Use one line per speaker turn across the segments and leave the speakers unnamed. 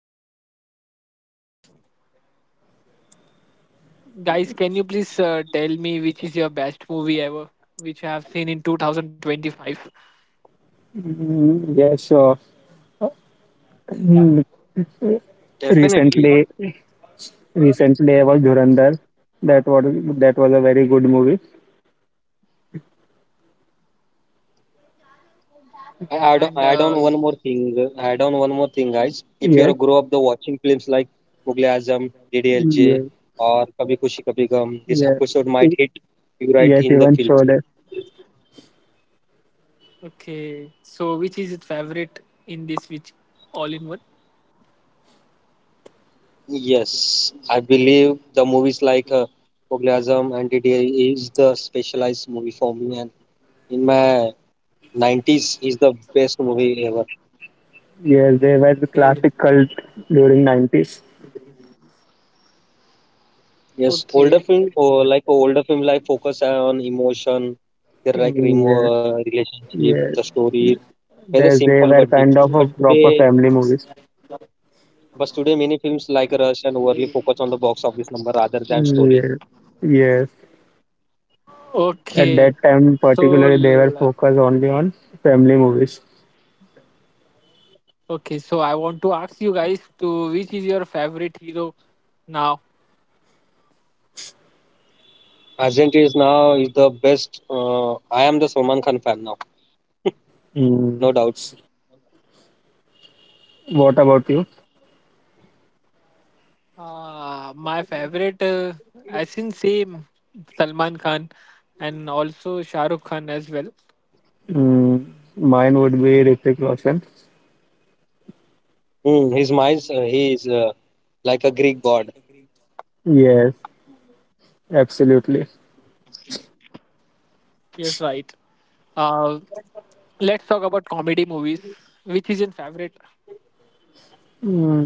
Mm,
Let's talk about Bollywoods. Guys, can you please tell me which is your best movie ever, which I have seen in 2025?
yeah, sure. Mm,
Definitely.
Recently, recently, I was Dhurandhar. That was that was a very good movie.
I add,
And
add on one more thing. Add on one more thing, guys. If you're a
Yes,
grow up the watching films like Mughal e Azam, DDLJ,
yes,
or Kabhi Kushi Kabhi Gum, this
yes,
episode might
E-
hit you right
yes.
in the
Even
yeah,
feels.
Sholay.
okay. So, which is your favorite in this? Which all in one?
Yes, I believe the movies like Mughal e Azam and DDL is the specialized movie for me, and in my 90s is the best movie ever.
Yes, they were the classic
Okay,
cult during nineties.
Yes, older
okay,
film or like older film like focus on emotion, their like
Yeah,
relationship,
yes.
the story. It's a
They
simple
were
but deep.
kind of
But
a proper
today,
family movies.
but today many films like Rush and overly focus on the box office number rather than story.
Yes. Yes.
okay.
At that
So,
time, particularly, they were focused only on family movies.
okay. So, I want to ask you guys to which is your favorite hero now?
Argent is now is the best. I am the Salman Khan fan now,
Mm.
no doubt.
What about you?
My favorite, I think same Salman Khan and also Shah Rukh Khan as well.
Mm. Mine would be Hrithik Roshan.
His minds, he is like a Greek god.
Yes, absolutely.
Yes, right. Uh, let's talk about comedy movies, which is in favorite.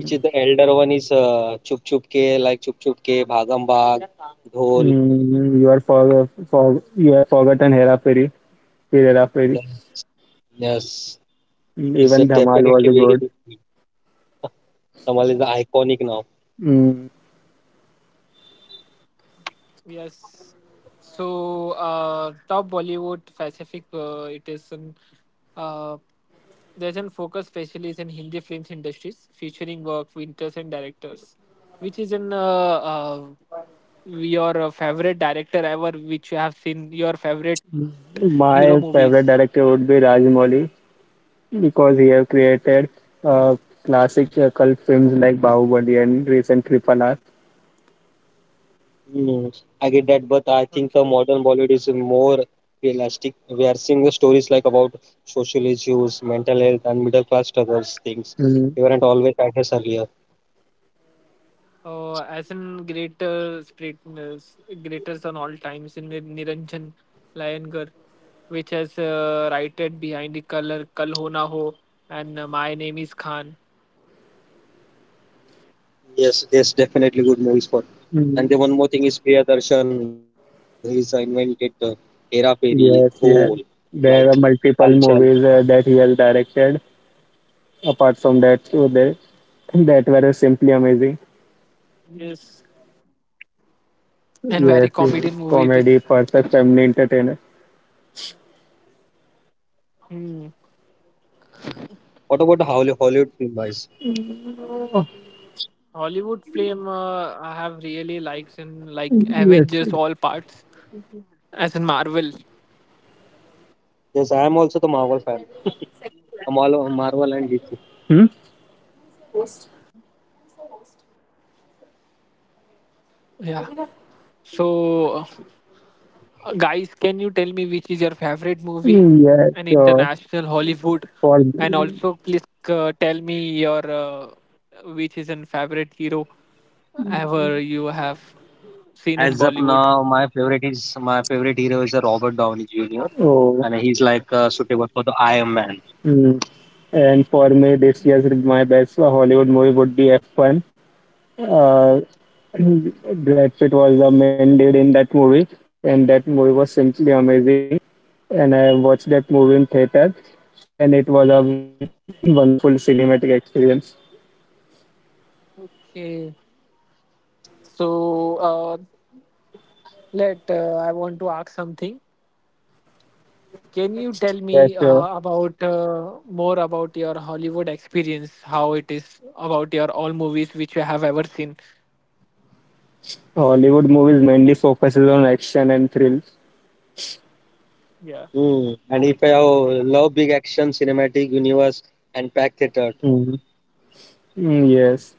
Which is the elder one is Chup Chup Ke, like Chup Chup Ke, Bhagam Bhag, Dhol.
Mm. You have forgotten Hera Fairy, Hera Fairy.
Yeah. Yes,
Mm.
he's a
Even Dhamal
definitely
was
very good
good.
film. Kamal is the iconic now.
Mm.
Yes. So, top Bollywood Pacific, it is an, uh, there's an focus specially in Hindi films industries featuring work, writers and directors, which is in your favorite director ever which you have seen your favorite hero
My
movies.
favorite director would be Rajamouli because he have created uh, classic cult films like Bahubali and recent Triple R.
Hmm, I get that, but I think the
Okay,
modern Bollywood is more realistic. We are seeing the stories like about social issues, mental health, and middle class struggles, things
Mm.
they weren't always addressed earlier.
as in greater greatness greatest on all times in Niranjan Layangar, which has written behind the color Kal Ho Na Ho and My Name Is Khan.
Yes, there's definitely good movies for. And then
Mm.
one more thing is Priyadarshan. He's invented the Hera Fairy, Dhol,
Yes, yes.
like
There are
Halchal.
multiple movies that he has directed. Apart from that, so they, that were simply amazing.
Yes, and very comedian
Yes,
movie it is.
yes. Comedy, perfect family entertainer.
Hmm.
What about the Hollywood film, guys?
Oh,
Hollywood film, I have really likes in like
yes.
Avengers all parts as in Marvel.
Yes, I am also the Marvel fan. A Marvel and DC.
Hmm?
Yeah, so. Guys, can you tell me which is your favorite movie
Yes,
and
sure.
international Hollywood?
For
And also, please tell me your which is your favorite hero ever you have seen
As
in
of
Bollywood.
now, my favorite hero is Robert Downey Jr.
oh,
and he's like suitable for the Iron Man.
hmm. And for me, this year's my best Hollywood movie would be F1. Uh, Brad Pitt was the main lead in that movie, and that movie was simply amazing. And I watched that movie in theater, and it was a wonderful cinematic experience.
Okay, so let I want to ask something. Can you tell
Yeah,
me
sure.
about more about your Hollywood experience? How it is about your all movies which you have ever seen?
Hollywood movies mainly focuses on action and thrill.
Yeah.
Mm. And if I love big action, cinematic universe, and packed theater,
Mhm. Mm, yes,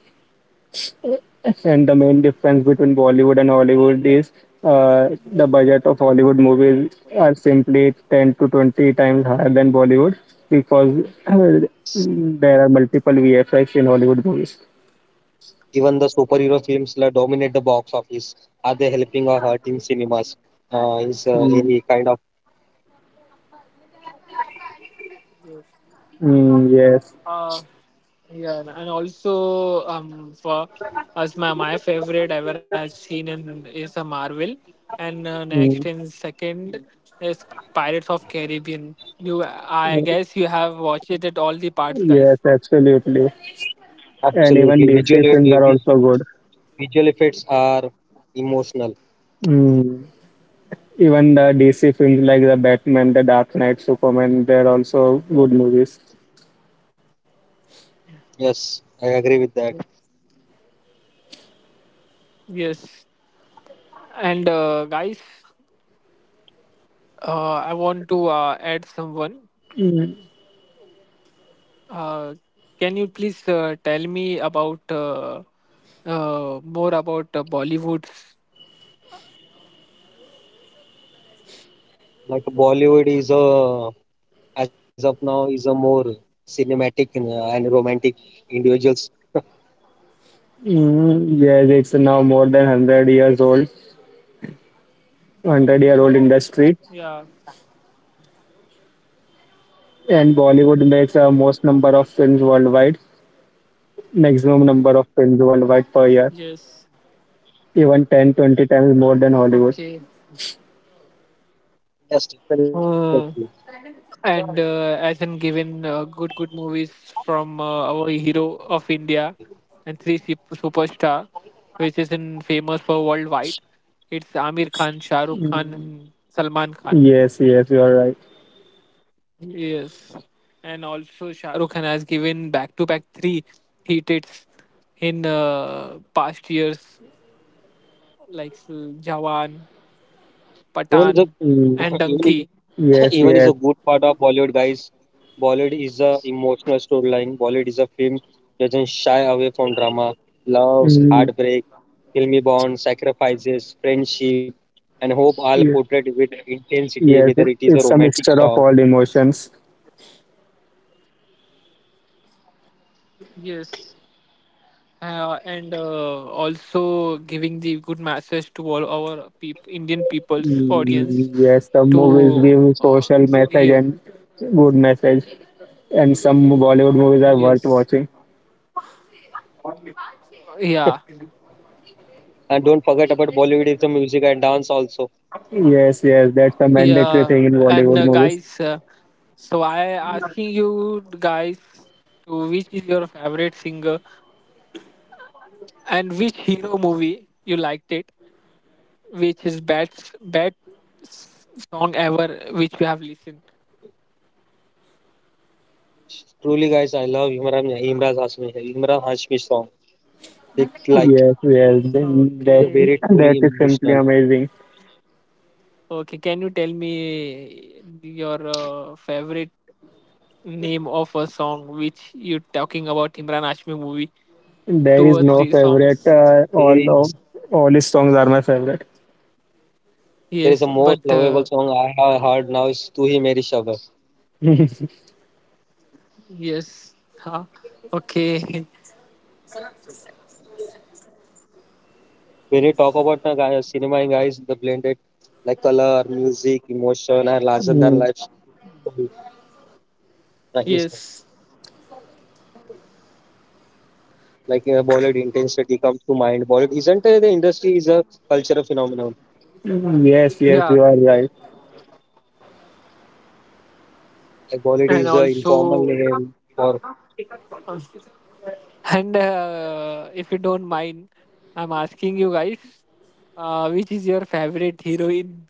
and the main difference between Bollywood and Hollywood is the budget of Hollywood movies are simply 10 to 20 times higher than Bollywood because uh, there are multiple VFX in Hollywood movies.
even the superhero films dominate the box office. Are they helping or hurting cinemas? Is
Mm,
any kind of
yes,
Uh, yeah, and also for us, my favorite ever I've seen in, is a Marvel, and
mm,
next in second is Pirates of Caribbean. You, I guess you have watched it at all the parts,
yes,
guys.
absolutely. And
absolutely
even DC
visual
films are
vi-
also good.
Visual effects are emotional.
Mm. Even the DC films like the Batman, the Dark Knight, Superman, they're also good movies.
Yes, I agree with that.
Yes, and guys, I want to add someone.
Mm.
Uh, can you please tell me about more about Bollywood?
Like Bollywood is a as of now is a more cinematic and romantic individuals.
Mm, yes, it's now more than 100 years old, 100-year-old
Yeah.
industry, and Bollywood makes the most number of films worldwide, maximum number of films
Yes.
worldwide per year, even 10, 20 times
Okay.
more than Hollywood.
Yes,
Uh,
definitely.
and as in given good movies from our hero of India and three superstar, which is in famous for worldwide. It's Amir Khan, Shah Rukh Khan,
Mm.
and Salman Khan.
Yes, yes, you are right.
Yes, and also Shah Rukh Khan has given back to back three hits in past years, like Jawan,
Even the
Patan,
mm,
and
even
Donkey.
yes,
Even is
yes,
a good part of Bollywood, guys. Bollywood is a emotional storyline. Bollywood is a film doesn't shy away from drama, loves,
mm,
heartbreak, filmy bonds, sacrifices, friendship, and hope all
yes,
portrayed with intensity,
yes.
whether it is a
It's a
romantic
mixture of
song.
all emotions.
Yes. And also giving the good message to all our Indian people's audience
Yes, some movies
to
give social
yeah,
message and good message, and some Bollywood movies are worth
yes,
watching.
yeah,
And don't forget about Bollywood is the music and dance also.
Yes, yes, that's a mandatory
yeah,
thing in
and
Bollywood movies.
guys, so I asking you guys to which is your favorite singer and which hero movie you liked it, which is best song ever which you have listened.
Truly, guys, I love Imran Hashmi song. It's like
Yes, yes, then
the
that
very
Okay.
truly
that is simply
emotional.
amazing.
Okay, can you tell me your favorite name of a song which you talking about Imran Ashmi movie?
There
Two
is
or
no
three
favorite.
songs.
There is
All his songs are my favorite.
there is a
Yes,
most
but
lovable song I have heard now is Tu Hi Meri Shabad.
yes, huh? Okay,
When you talk about na guys, cinema in guys, the blended like color, music, emotion, and larger than
Mm,
life story. Like, it's-
yes,
Bollywood intensity comes to mind. Bollywood isn't The industry is a cultural phenomenon.
Yes, yes,
yeah,
you are right.
Like Bollywood
and
is a informal
also,
name for
uh, and if you don't mind, I'm asking you guys, which is your favorite heroine?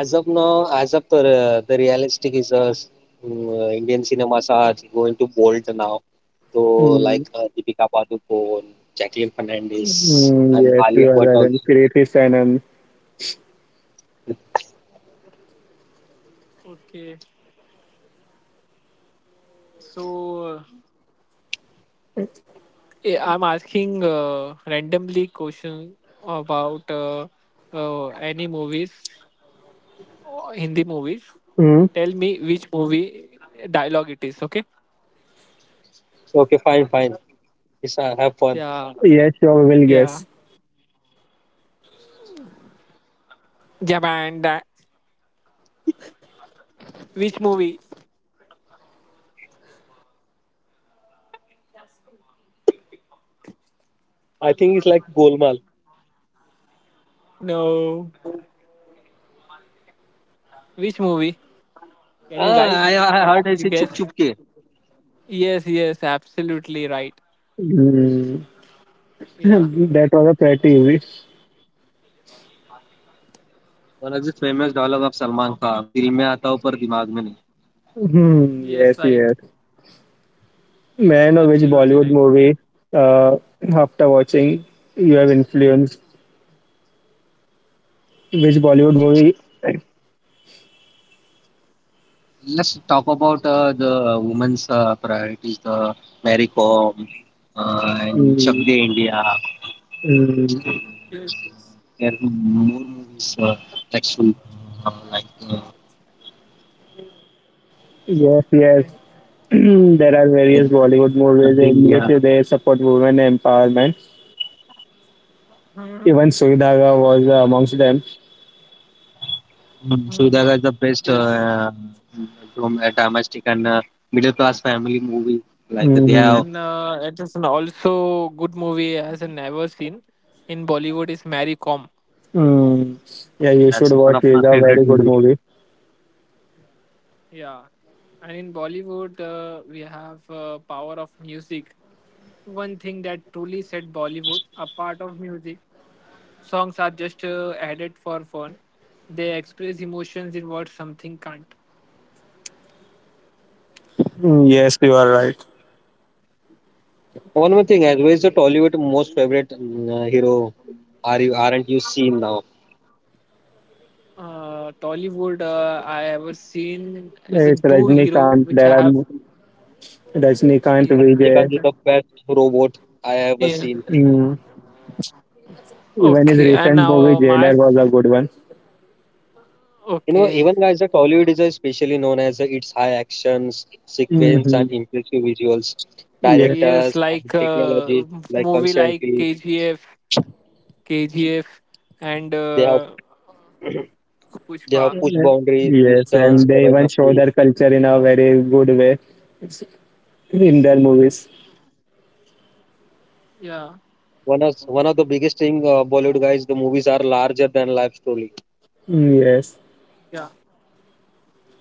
as of now, as of the realistic is a Indian cinemas are going to bolt now. So like
Mm,
Deepika Padukone, Jacqueline Fernandez, and
Yes,
Alia
you are
Bhatt
right.
also.
And Kirti Sanan.
Okay, so. I'm asking randomly question about any movies, Hindi movies.
Mm.
Tell me which movie dialogue it is. Okay.
Okay, fine, fine. It's have fun.
Yeah.
Yes, sure, we will guess.
Yeah. Japan. That. Which movie?
I think it's like Golmaal.
No. Which movie? Can you guys?
I heard
You
ऐसे चुप
guess?
चुप के
Yes. Yes. Absolutely right.
Mm.
Yeah.
That was a pretty easy.
One of the famous dialogue of Salman Khan दिल में आता हो पर दिमाग में नहीं.
Hmm,
Yes.
yes,
Right.
yes. May I know which
Absolutely
Bollywood
right.
movie, uh, after watching, you have influenced? Which Bollywood movie?
Let's talk about the women's priorities, the Mary Kom and Chak
Mm,
De India.
mm,
There
Yes, yes.
are more movies actually like
yes,
Okay.
yes. There are
Mary Kom,
various Bollywood
Chak De
movies
India.
in which they support women empowerment.
Mhm.
Even Sui Dhaga was amongst them.
Mm.
Mhm.
Sudaga is the best
Yes.
from a domestic and middle class family movie. Like they
Hmm.
have
And it is an also good movie as I never seen in Bollywood is Mary Kom.
Mm, yeah, you should
that's one
watch.
of my
It's a
favorite
very good
movie.
movie.
Yeah, and in Bollywood we have power of music. One thing that truly set Bollywood apart of music, songs are just added for fun. They express emotions in what something can't.
Mm, yes, you are right.
One more thing, as well is the Tollywood most favorite hero. Are you aren't you seen now?
Tollywood I ever seen is
It's
in two hero
Rajnikant.
which I have.
Rajnikant
Yeah, I
Vijay.
Rajanikant
think,
is the best robot I ever
yeah.
seen.
Hmm. Even his
Okay, and
recent movie
now my
Jailer was a good one.
You know,
okay.
even guys, the Tollywood is especially known as its high actions, sequence,
Hmm.
and impressive visuals.
Yeah.
Yes,
Directors and
like
technologies like
movie like
constantly
KGF, KGF, and
they have they
Pushpa.
have pushed boundaries with
Yes,
stunts
and they even show
choreography.
their culture in a very good way in their movies.
Yeah,
One of the biggest thing Bollywood guys, the movies are larger than life story,
Yes.
yeah.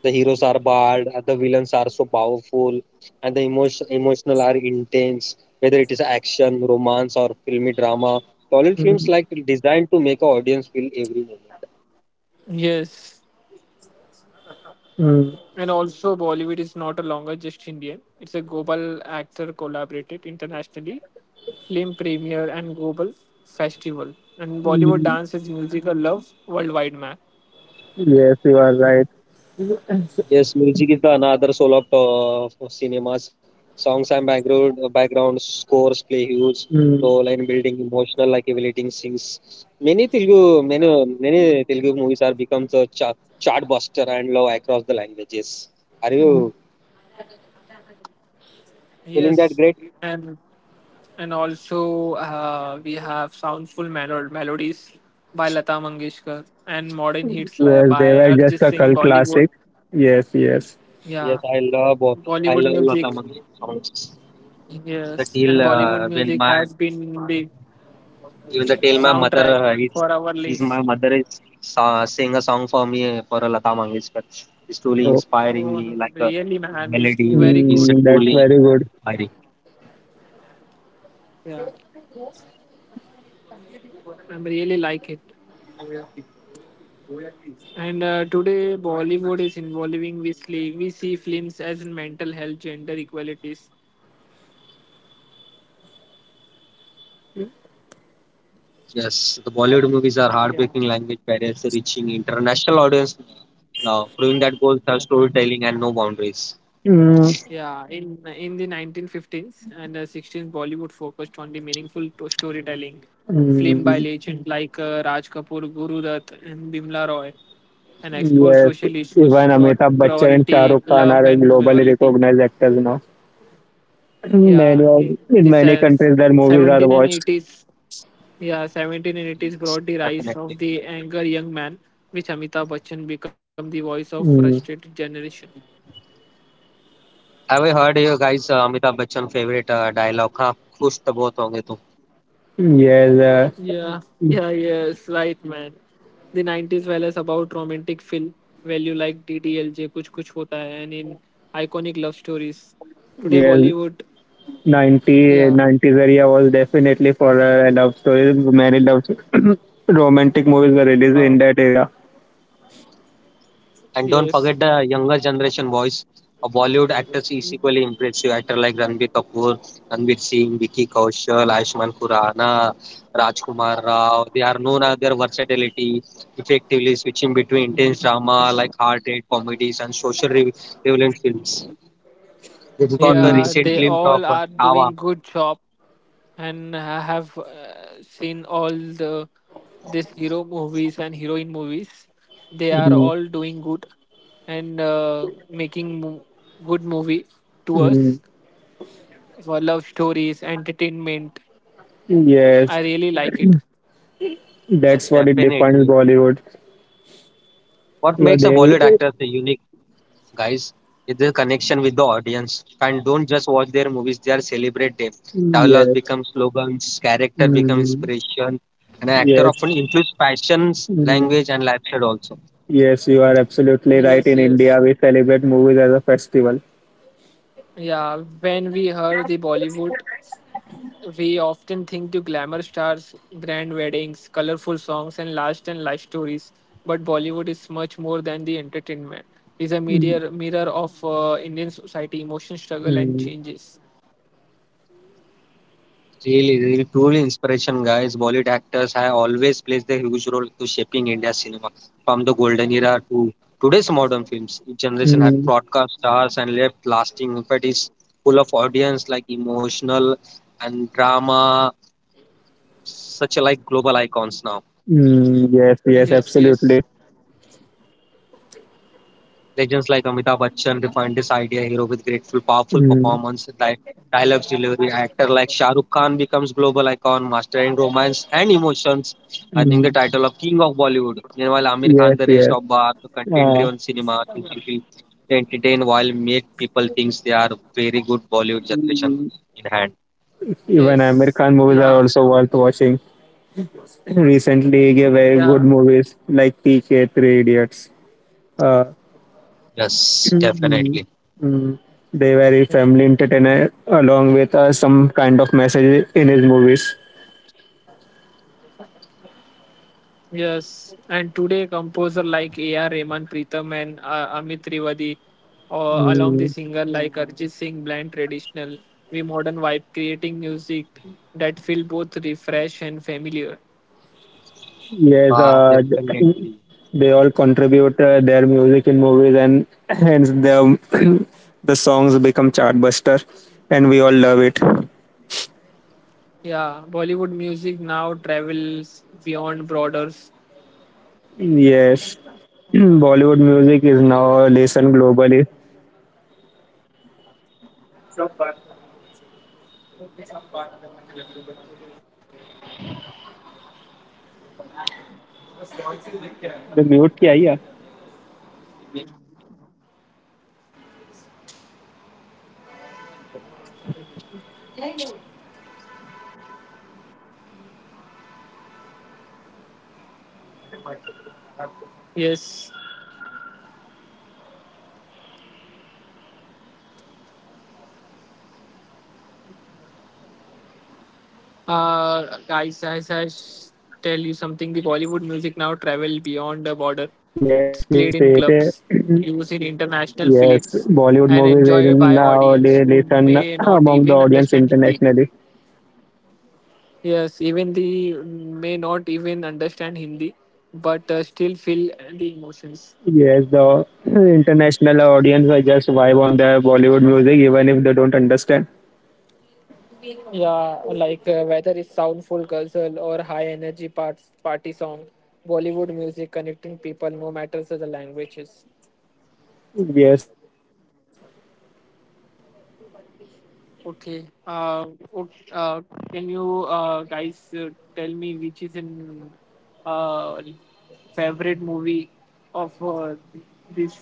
the heroes are bad the villains are so powerful, and the emotional are intense, whether it is action romance or filmy drama, tollywood films
Mm,
like designed to make a audience feel every moment.
Yes,
mm,
and also Bollywood is not a longer just Indian. It's a global actor collaborated internationally, film premiere and global festival. And Bollywood
mm.
dance is musical love worldwide, man.
Yes, you are right.
Yes, music is the another soul of cinemas, songs and background scores play huge
Mm,
role in building emotional like elevating scenes. many telugu many many telugu movies are become a chart buster and love across the languages. Are you feeling that
Yes,
great?
and and also we have soundful melodies by Lata Mangeshkar and modern hits
Yes,
by
they were just
Arjit
a
Singh.
cult
Bollywood,
classic. Yes, yes.
Yes,
yeah,
I
Bollywood
love Lata
music,
Mangeshkar songs. The
yes,
till
and Bollywood
when
music
my
has been the
even the till my mother
soundtrack for our
is my
lives.
mother is sa- sing a song for me for Lata Mangeshkar. It's truly
Oh,
inspiring
Oh,
me. Like a
really, man, it's very
melody
good.
is
mm, that's
truly
very good.
inspiring.
Yeah, I really like it. And today, Bollywood is involving Weasley. We see films as in mental health, gender equalities.
Yes, the Bollywood movies are
Yeah,
heartbreaking language barriers reaching international audience now, proving that both have
yeah,
storytelling and no boundaries.
Mm,
yeah. In the 1915s and 16s, Bollywood focused on the meaningful to storytelling. Film by
mm,
legends like Raj Kapoor, Guru Dutt, and Bimla Roy, and explore
Yes,
social issues,
even Amitabh Bachchan and Shah
poverty,
Rukh Khan
love,
are
and
globally
morality.
recognized actors now. Many
Yeah,
of, in
this
many
has
countries, their movies are
17 and
watched.
80s. Yeah, 17 and 80s brought the rise
Definitely.
of the anger young man, which Amitabh Bachchan became the voice of
Mm.
frustrated generation.
Have you heard you guys Amitabh Bachchan favorite dialogue? हाँ खुश तो बहुत होंगे तुम।
Yes,
Yeah, yeah, yes, right, man. The 90s was about romantic film value like DDLJ, Kuch Kuch Hota Hai, and in iconic love stories. Today,
yes.
Bollywood,
Ninety,
yeah,
nineties 90s area was definitely for love stories. Many love romantic movies were released
uh,
in that era.
And don't
yes,
forget the younger generation voice. A Bollywood actors is equally impressive. Actor like Ranbir Kapoor, Ranbir Singh, Vicky Kaushal, Ayushmann Khurrana, Rajkumar Rao. They are known as their versatility, effectively switching between intense drama like hard hit comedies and social relevant films. We've got a
Mm,
yeah,
recent
they
glimpse of
all are
Chhawa.
doing good job, and I have seen all the this hero movies and heroine movies. They are
mm,
all doing good and making good movie to
mm.
us for love stories, entertainment. I
Yes,
really like it.
Yes,
that's what it defines
definitely.
Bollywood.
What
Because
makes a
they,
Bollywood actor a unique? Guys is the connection with the audience and don't just watch their movies, they are celebrate them, dialogues
yes,
become slogans, character become
mm,
inspiration, and an actor
yes,
often influence passions
mm,
language and lifestyle also.
yes, you are absolutely right.
Yes,
In India,
yes.
we celebrate movies as a festival.
Yeah, when we hear the Bollywood, we often think to glamour stars, grand weddings, colorful songs, and last and life stories. But Bollywood is much more than the entertainment. It's a
Mm,
mirror of Indian society, emotion, struggle, and
mm,
changes.
Really truly inspiration guys, bollywood actors have always played a huge role to shaping india cinema. From the golden era to today's modern films, each generation had
mm.
broadcast stars and left lasting impact is full of audience like emotional and drama such like global icons now.
Yes, yes,
Yes, yes.
absolutely.
Legends like Amitabh Bachchan defined this idea hero with grateful, powerful
Mm,
performance, dialogues, delivery. Actor like Shah Rukh Khan becomes global icon, mastering romance and emotions, earning the
mm,
title of King of Bollywood. Meanwhile, Amir Khan,
yes,
the rest
yes.
of bar, the
Uh,
content-driven cinema, choosing to entertain while make people think they are very good Bollywood generation
mm,
in hand.
even
Yes.
American movies
Yeah.
are also worth watching. Recently, yeah, very
Yeah.
good movies like PK, Three Idiots. Uh,
Yes,
mm,
definitely.
mm, they very
Yeah.
family entertainer along with some kind of message in his movies.
Yes, and today composer like A.R. Rahman, Pritham, and Amit Trivadi, along the
Mm,
singer like Arjit Singh, blend traditional with modern vibe, creating music that feel both refresh and familiar.
yes,
Ah,
uh,
definitely.
They all contribute their music in movies, and hence the the songs become chartbuster, and we all love it.
Yeah, Bollywood music now travels beyond borders.
Yes, Bollywood music is now listened globally. The mute kya yeah?
Yes. Guys, as I tell you something, the Bollywood music now travel beyond the border. It's played
Yes,
in
yes,
clubs,
it is.
used in international films,
Yes,
and
Bollywood
enjoyed by
movies is
audience
now
who
they
may
listen
not even
among the
understand
audience
Hindi.
internationally.
Yes, even the may not even understand Hindi, but still feel the emotions.
Yes, the international audience are just vibe on the Bollywood music, even if they don't understand.
Yeah, like whether it's soulful ghazal or high energy parts, party song, Bollywood music connecting people no matter the languages.
Yes, yes, you are right.
Okay. Okay. Can you guys tell me which is in uh, favorite movie of this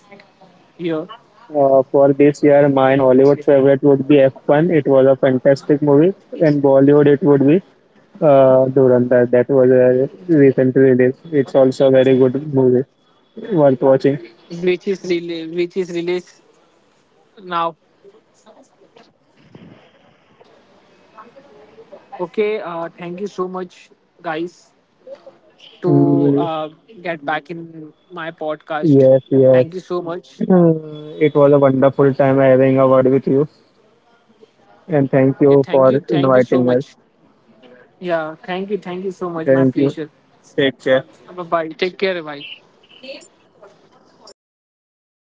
year,
For this year, my Hollywood favorite would be F1. It was a fantastic movie, and Bollywood it would be Dhurandhar. That was a recent release. It's also a very good movie, worth watching.
which is really which is released now? Okay. Thank you so much, guys, to
Mm,
get back in my podcast.
yes,
Thank
yes.
you so much.
It was a wonderful time having a word with you, and thank
Okay.
you
Thank you.
for
Thank you so
inviting us.
much. Yeah. Thank you. Thank you so much. My
Thank you.
pleasure.
Take care.
Bye bye. Take care. Bye.